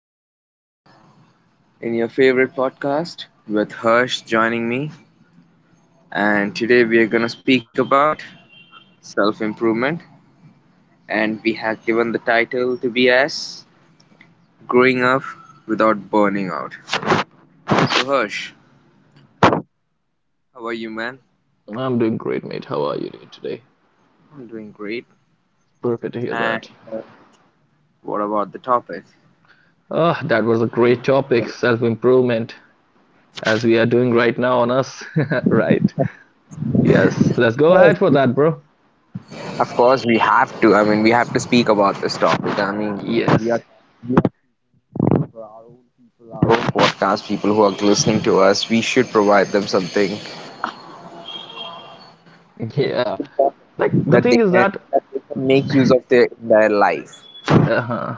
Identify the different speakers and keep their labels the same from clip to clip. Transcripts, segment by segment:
Speaker 1: Gokul in your favorite podcast with Harsh joining me. And today we are going to speak about self improvement. And we have given the title to be as Growing Up Without Burning Out. So, Harsh, how are you, man?
Speaker 2: I'm doing great, mate. How are you doing today?
Speaker 1: I'm doing great.
Speaker 2: Perfect to hear
Speaker 1: And
Speaker 2: that.
Speaker 1: what about the topic?
Speaker 2: Ah, that was a great topic, self-improvement, as we are doing right now on us. Right. Yes, let's go ahead for that, bro.
Speaker 1: Of course, we have to. I mean, we have to speak about this topic. I mean, we
Speaker 2: Yes.
Speaker 1: are, we are our own podcast people who are listening to us. We should provide them something
Speaker 2: Yeah. Like the
Speaker 1: that they
Speaker 2: thing is
Speaker 1: can
Speaker 2: that...
Speaker 1: that they can make use of their entire life.
Speaker 2: Uh-huh.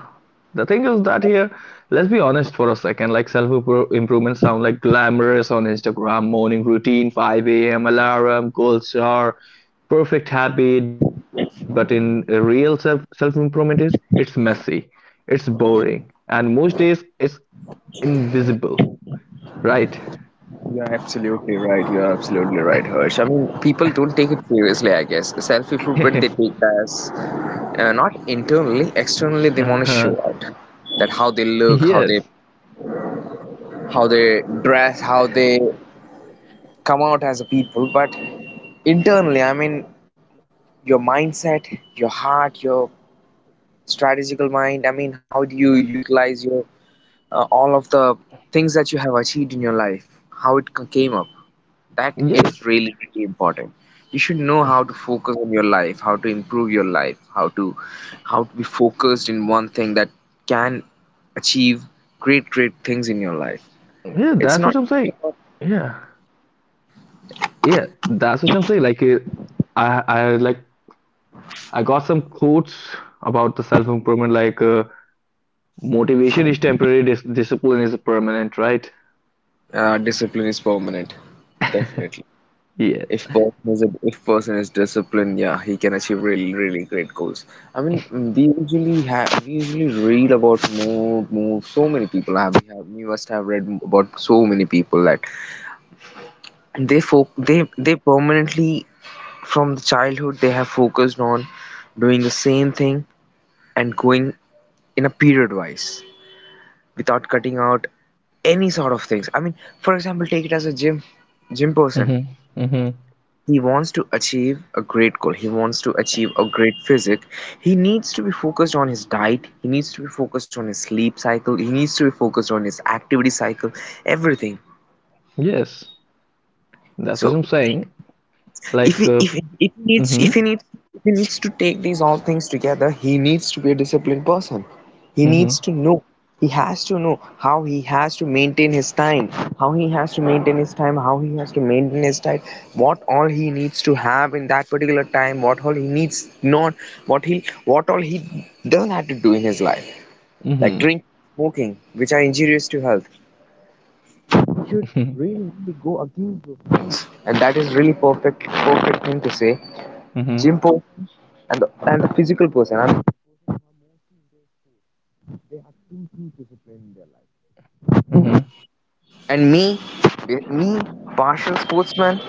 Speaker 2: The thing is that here, let's be honest for a second, like self-improvement sound like glamorous on Instagram, morning routine, 5 a.m. alarm, goal star, perfect habit, but in a real self-improvement is it's messy, it's boring, and most days it's invisible, right?
Speaker 1: You're absolutely right. You're absolutely right, Harsh. I mean, people don't take it seriously, I guess. Self improvement they take as not internally, externally they
Speaker 2: Uh-huh.
Speaker 1: want to show out that how they look,
Speaker 2: Yes,
Speaker 1: how they dress, how they come out as a people. But internally, I mean, your mindset, your heart, your strategical mind. I mean, how do you utilize your all of the things that you have achieved in your life? How it came up? That
Speaker 2: yes,
Speaker 1: is really, really important. You should know how to focus on your life, how to improve your life, how to be focused in one thing that can achieve great, great things in your life.
Speaker 2: yeah,
Speaker 1: It's
Speaker 2: that's what
Speaker 1: not
Speaker 2: I'm saying.
Speaker 1: just about.
Speaker 2: Yeah, yeah, that's what I'm saying. I like I got some quotes about the self improvement, motivation is temporary, discipline is permanent, right?
Speaker 1: Discipline is permanent, definitely.
Speaker 2: Yes.
Speaker 1: If person is disciplined, yeah, he can achieve really, really great goals. I mean, we usually read about more. So many people have we must have read about so many people that they permanently from the childhood they have focused on doing the same thing and going in a period wise without cutting out any sort of things. I mean, for example, take it as a Gym person,
Speaker 2: Mm-hmm. Mm-hmm.
Speaker 1: he wants to achieve a great goal. He wants to achieve a great physique. He needs to be focused on his diet. He needs to be focused on his sleep cycle. He needs to be focused on his activity cycle, everything.
Speaker 2: Yes. That's
Speaker 1: So
Speaker 2: what I'm saying.
Speaker 1: if
Speaker 2: Like,
Speaker 1: he,
Speaker 2: uh,
Speaker 1: if, if he needs
Speaker 2: mm-hmm.
Speaker 1: to take these all things together, he needs to be a disciplined person. he
Speaker 2: Mm-hmm.
Speaker 1: needs to know he has to know how he has to maintain his time. How he has to maintain his time What all he needs to have in that particular time, what all he needs not, what all he doesn't have to do in his life, like
Speaker 2: Mm-hmm.
Speaker 1: drink, smoking, which are injurious to health. He should really go against those things, and that is really perfect thing to say.
Speaker 2: Mm-hmm.
Speaker 1: Jimpo and the physical person, and,
Speaker 2: Mm-hmm.
Speaker 1: and me, partial sportsman,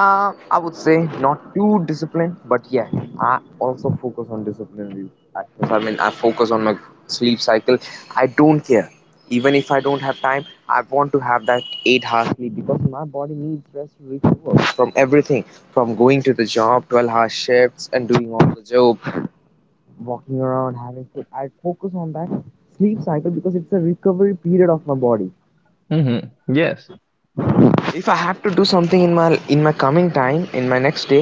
Speaker 1: I would say, not too disciplined, but yeah, I also focus on disciplinary actions. I mean, I focus on my sleep cycle. I don't care. Even if I don't have time, I want to have that 8-hour sleep because my body needs rest to recover from everything, from going to the job, 12-hour shifts, and doing all the job, walking around, having food. I focus on that sleep cycle because it's a recovery period of my body.
Speaker 2: Mm-hmm. Yes.
Speaker 1: If I have to do something in my coming time, in my next day,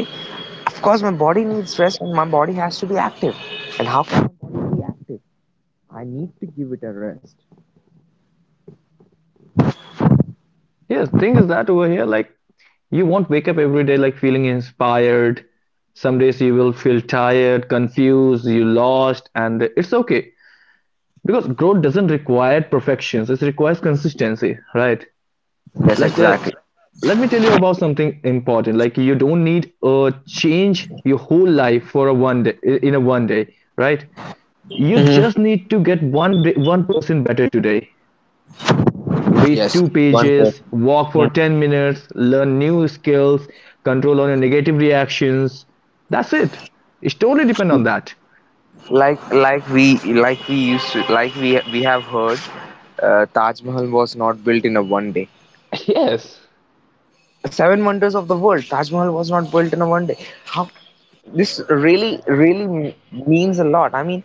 Speaker 1: of course my body needs rest and my body has to be active. And how can my body be active? I need to give it a rest.
Speaker 2: Yes. Thing is that over here, like, you won't wake up every day like feeling inspired. Some days you will feel tired, confused, you lost, and it's okay because growth doesn't require perfections. It requires consistency, right?
Speaker 1: Yes,
Speaker 2: Let
Speaker 1: exactly.
Speaker 2: let me tell you about something important, like you don't need change your whole life for a one day, in a one day, right? You
Speaker 1: Hmm.
Speaker 2: just need to get one day, one person better today. Read
Speaker 1: Yes,
Speaker 2: two
Speaker 1: one person.
Speaker 2: pages, walk for 10 minutes, learn new skills, control on your negative reactions. That's it. It's totally depend
Speaker 1: Mhm.
Speaker 2: on that.
Speaker 1: Like we like we used to like we have heard, Taj Mahal was not built in a one day.
Speaker 2: Yes.
Speaker 1: Seven wonders of the world, Taj Mahal was not built in a one day. How this really really means a lot. I mean,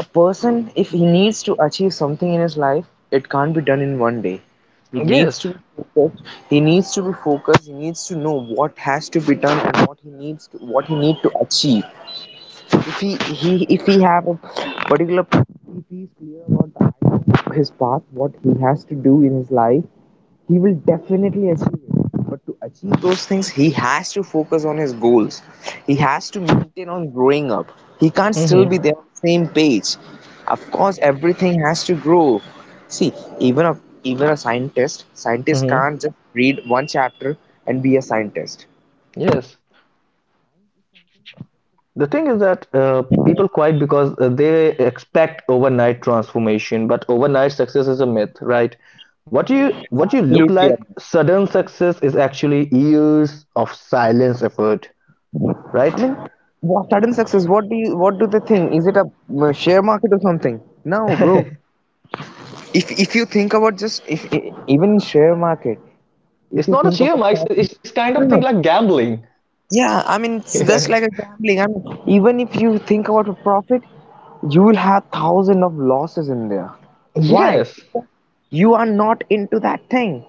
Speaker 1: a person, if he needs to achieve something in his life, it can't be done in one day. He needs
Speaker 2: Yes.
Speaker 1: to be focused. He needs to know what has to be done and what he need to achieve. If he, he if he have a particular If he is clear about the idea of his path, what he has to do in his life, he will definitely achieve it. But to achieve those things, he has to focus on his goals. He has to maintain on growing up. He can't still be
Speaker 2: Mm-hmm.
Speaker 1: there on the same page. Of course, everything has to grow. See, even a even a scientist
Speaker 2: Mm-hmm.
Speaker 1: can't just read one chapter and be a scientist.
Speaker 2: Yes. The thing is that people quit because they expect overnight transformation, but overnight success is a myth, right?
Speaker 1: It's
Speaker 2: What you look
Speaker 1: absolutely
Speaker 2: like,
Speaker 1: unfair.
Speaker 2: sudden success is actually years of silence effort,
Speaker 1: I
Speaker 2: right?
Speaker 1: mean, what sudden success? What do they think? Is it a share market or something? No, bro. If you think about, just if e- even in share market, if
Speaker 2: It's
Speaker 1: you
Speaker 2: not a
Speaker 1: think
Speaker 2: sheer
Speaker 1: about
Speaker 2: mice.
Speaker 1: profit.
Speaker 2: It's
Speaker 1: I
Speaker 2: kind of
Speaker 1: don't
Speaker 2: thing
Speaker 1: know.
Speaker 2: like gambling.
Speaker 1: Yeah, I mean it's just like a gambling. I mean, even if you think about a profit, you will have thousand of losses in there. Why?
Speaker 2: Yes.
Speaker 1: You are not into that thing.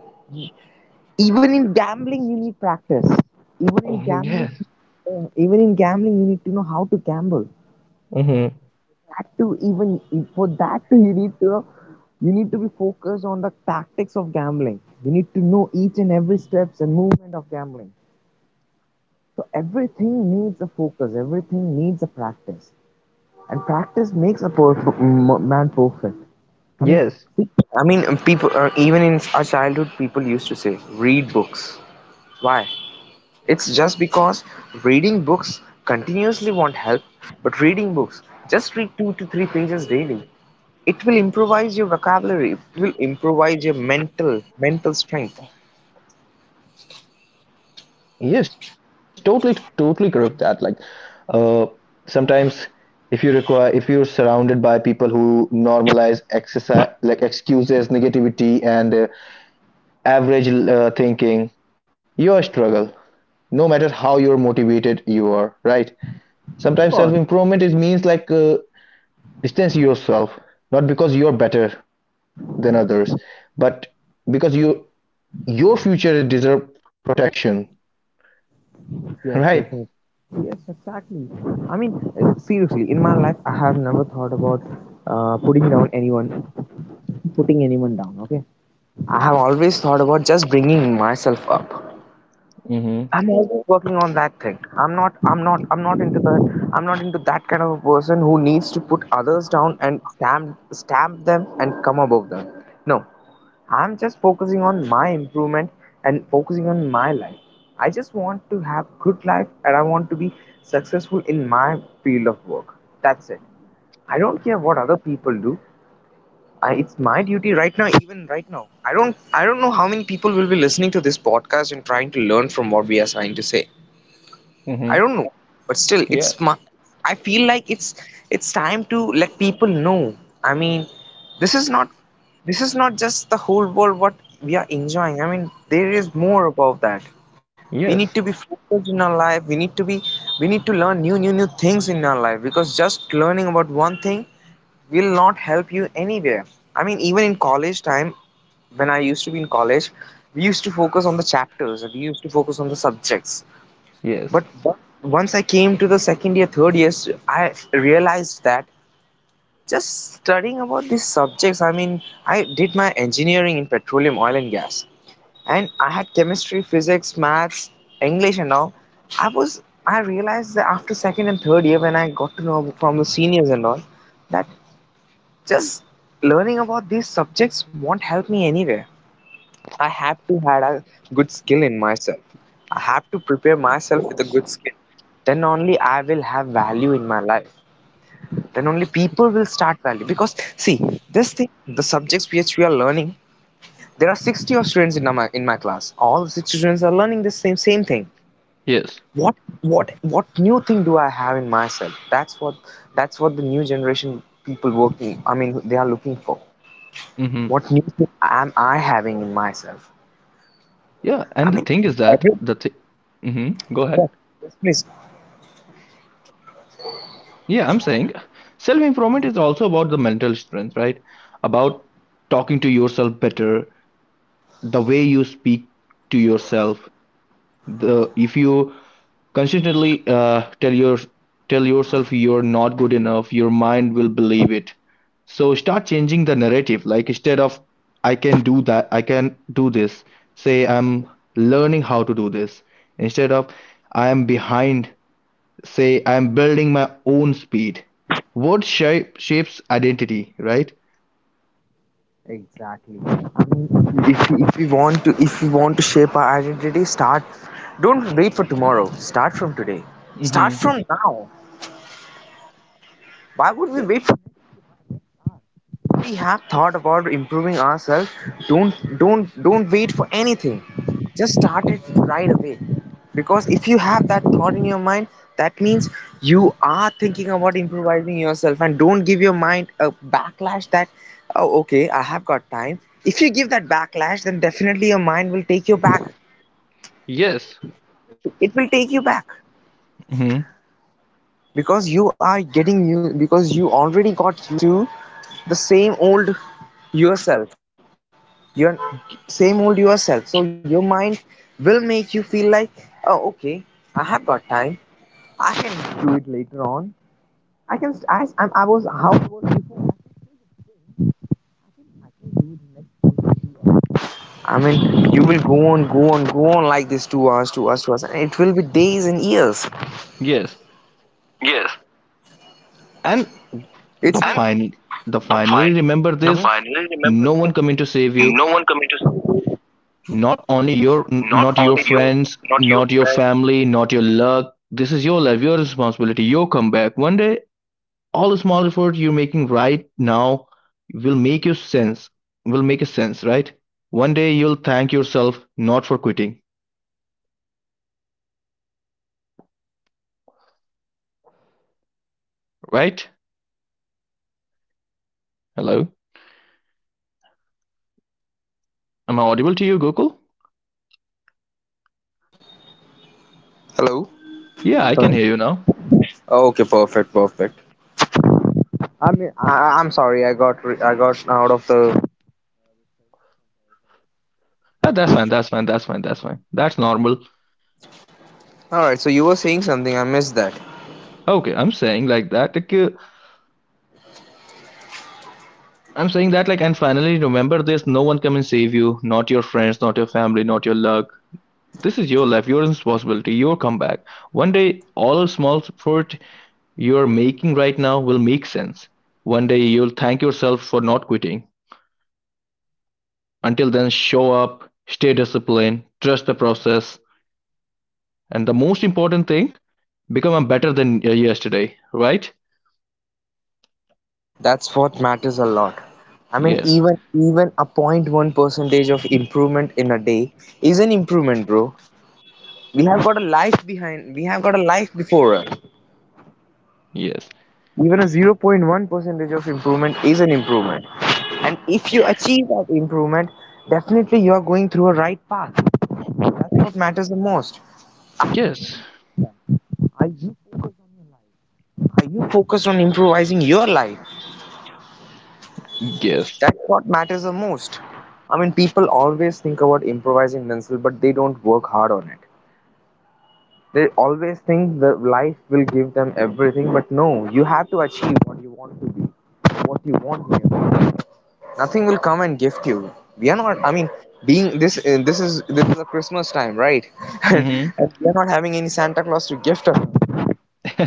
Speaker 1: Even in gambling, you need practice. Even in gambling,
Speaker 2: Yes.
Speaker 1: even in gambling, you need to know how to gamble.
Speaker 2: Hmm.
Speaker 1: That to even for that to, you need to know, you need to be focused on the tactics of gambling. You need to know each and every steps and movement of gambling. So everything needs a focus. Everything needs a practice, and practice makes a man perfect. I mean, see.
Speaker 2: Yes.
Speaker 1: I mean, people, even in our childhood, people used to say, "Read books." Why? It's just because reading books continuously won't help, but reading books, just read two to three pages daily. It will improvise your vocabulary. It will improvise your mental strength.
Speaker 2: Yes, totally, totally correct that. Uh, sometimes if you're surrounded by people who normalize exercise, like excuses, negativity, and average thinking, your struggle, no matter how you're motivated you are, right?
Speaker 1: Of
Speaker 2: Sometimes
Speaker 1: course.
Speaker 2: self-improvement is means distance yourself, not because you're better than others, but because you your future deserve protection,
Speaker 1: Yes,
Speaker 2: right?
Speaker 1: definitely. Yes, exactly. I mean, seriously, in my life, I have never thought about putting down anyone, putting anyone down. Okay, I have always thought about just bringing myself up.
Speaker 2: Mm-hmm.
Speaker 1: I'm always working on that thing. I'm not. I'm not. I'm not into the. I'm not into that kind of a person who needs to put others down and stamp them and come above them. No, I'm just focusing on my improvement and focusing on my life. I just want to have good life and I want to be successful in my field of work. That's it. I don't care what other people do. It's my duty right now, even right now. I don't know how many people will be listening to this podcast and trying to learn from what we are trying to say. I
Speaker 2: Mm-hmm.
Speaker 1: don't know, but still,
Speaker 2: Yeah.
Speaker 1: it's my. I feel like it's time to let people know. I mean, this is not this is not just the whole world what we are enjoying. I mean, there is more about that. We need to be
Speaker 2: Yes.
Speaker 1: focused in our life. We need to learn new things in our life because just learning about one thing will not help you anywhere. I mean, even in college time, when I used to be in college, we used to focus on the chapters and we used to focus on the subjects,
Speaker 2: Yes.
Speaker 1: but once I came to the second year, third year, I realized that just studying about these subjects. I mean, I did my engineering in petroleum, oil, and gas, and I had chemistry, physics, maths, English, and all. I realized that after second and third year, when I got to know from the seniors and all, that just learning about these subjects won't help me anywhere. I have to had a good skill in myself. I have to prepare myself with a good skill. Then only I will have value in my life. Then only people will start value. Because see, this thing, the subjects which we are learning, there are 60 of students in my class. All the 60 students are learning the same thing.
Speaker 2: Yes.
Speaker 1: What what new thing do I have in myself? That's what the new generation people working. I mean, they are looking for.
Speaker 2: Mm-hmm.
Speaker 1: What new thing am I having in myself?
Speaker 2: Yeah,
Speaker 1: I
Speaker 2: and the
Speaker 1: mean,
Speaker 2: thing is
Speaker 1: every.
Speaker 2: that the thing. Mm-hmm. Go
Speaker 1: Yeah,
Speaker 2: ahead.
Speaker 1: yes, please.
Speaker 2: Yeah, I'm saying self improvement is also about the mental strength, right? About talking to yourself better, the way you speak to yourself, the if you consistently tell yourself you're not good enough, your mind will believe it. So start changing the narrative. Like instead of I can do that, I can do this, say I'm learning how to do this. Instead of I am behind, say I'm building my own speed. Word shapes identity, right?
Speaker 1: Exactly. I mean, if we want to shape our identity, start. Don't wait for tomorrow. Start from today. Start
Speaker 2: Mm-hmm.
Speaker 1: from now. Why would we wait? We have thought about improving ourselves. Don't wait for anything. Just start it right away. Because if you have that thought in your mind, that means you are thinking about improvising yourself, and don't give your mind a backlash that oh okay, I have got time. If you give that backlash, then definitely your mind will take you back.
Speaker 2: Yes. Mm-hmm. Yes. And the final, the finally remember this: no one coming to save you. Not your friends, not your family, not your luck. This is your life, your responsibility, your comeback. One day, all the small efforts you're making right now will make you sense. Will make a sense, right? One day you'll thank yourself not for quitting, right? Hello, am I audible to you, Gokul? Yeah, I can hear you now. Ah, that's fine. That's fine. That's fine. That's fine. That's normal. Okay, I'm saying like that. I'm saying that, like, and finally remember this: no one come and save you, not your friends, not your family, not your luck. This is your life, your responsibility, your comeback. One day all small effort you're making right now will make sense. One day you'll thank yourself for not quitting. Until then, show up, stay disciplined, trust the process, and the most important thing, become a better than yesterday, right? Yes. Yes. Yes. Yes. Mhm. Mhm.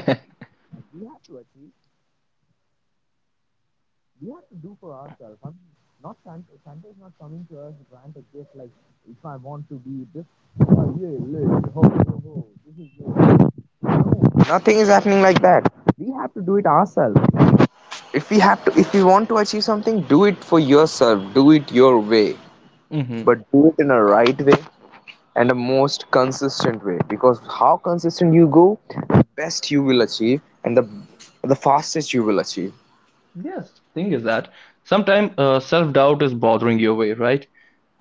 Speaker 2: Yes, thing is that sometimes self doubt is bothering your way, right?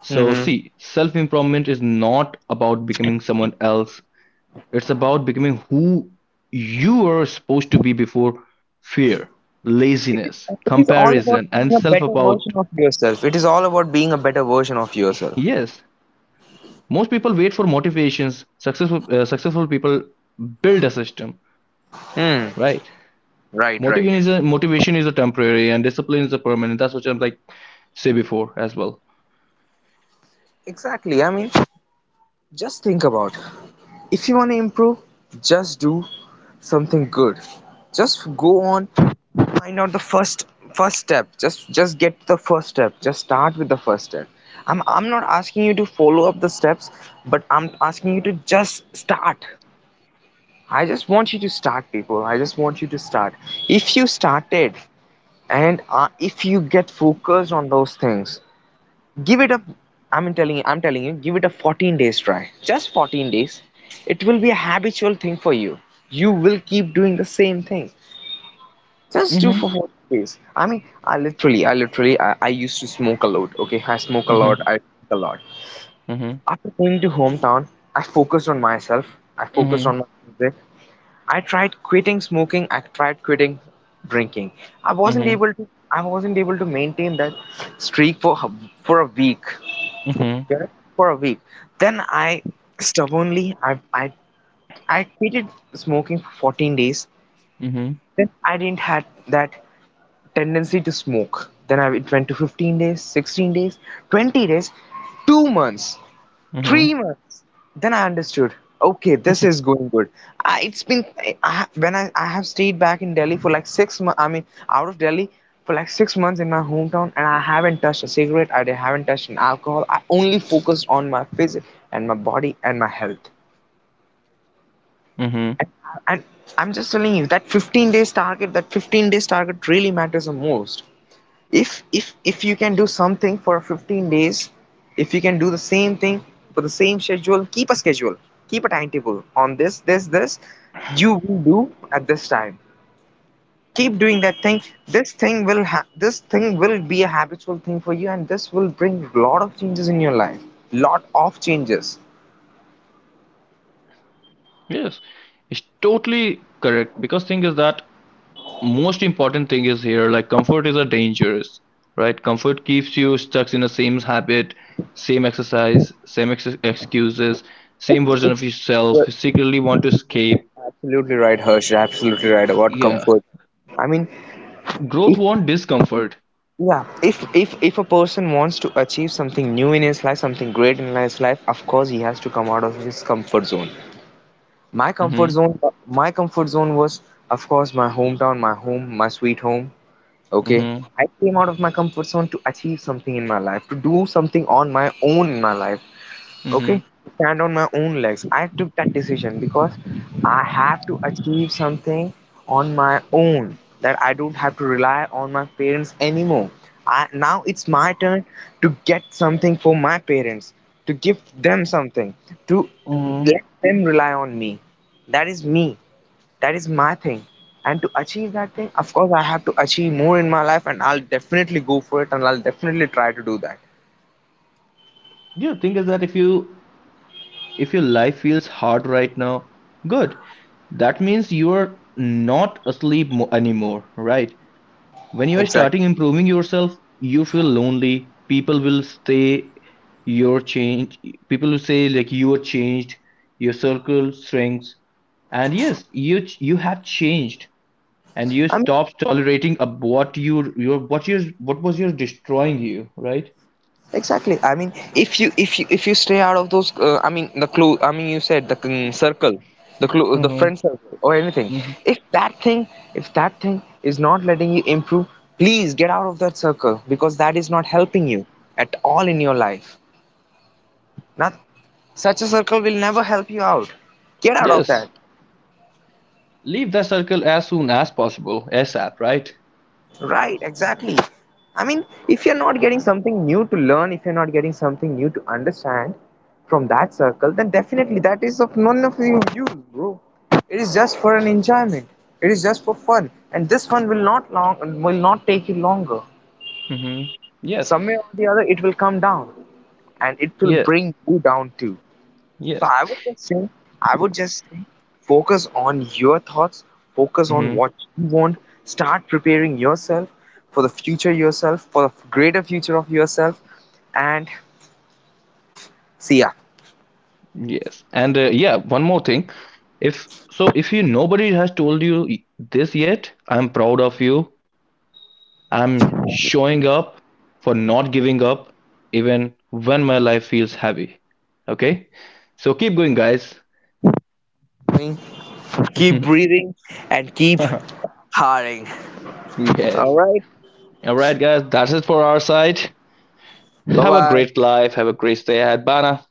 Speaker 2: So, see, self improvement is not about becoming someone else, it's about becoming who you are supposed to be before fear, laziness, comparison, and self about. Yes, most people wait for motivations. Successful people build a system, right? Motivation is a temporary, and discipline is a permanent. That's what I'm like say before as well. Mm-hmm. Mm-hmm. Mhm, mhm, mhm, mhm, mhm, mhm. Yes, it's totally correct because thing is that most important thing is here, like comfort is a dangerous, right? Comfort keeps you stuck in the same habit, same exercise, same ex excuses, same version of yourself. You secretly want to escape. Yeah, growth wants discomfort. Mhm, mhm, mhm, mhm. Yeah, thing is that if your life feels hard right now, good. That means you're not asleep anymore, right? When you are starting improving yourself, you feel lonely. People will say you're changed. People will say like you are changed. Your circle shrinks, and yes, you have changed, and you stop tolerating ab- what you your what was your destroying you, right? Mm-hmm. Mm-hmm. Yes, leave that circle as soon as possible, ASAP, right? Mm-hmm. Yes. Yeah. Yes. Hmm. Yes. And yeah, one more thing. If so, if you nobody has told you this yet, I'm proud of you. I'm showing up for not giving up even when my life feels heavy. Okay? So keep going, guys. Yes. All right, guys, that's it for our side. Have a great life. Have a great day ahead. Bana.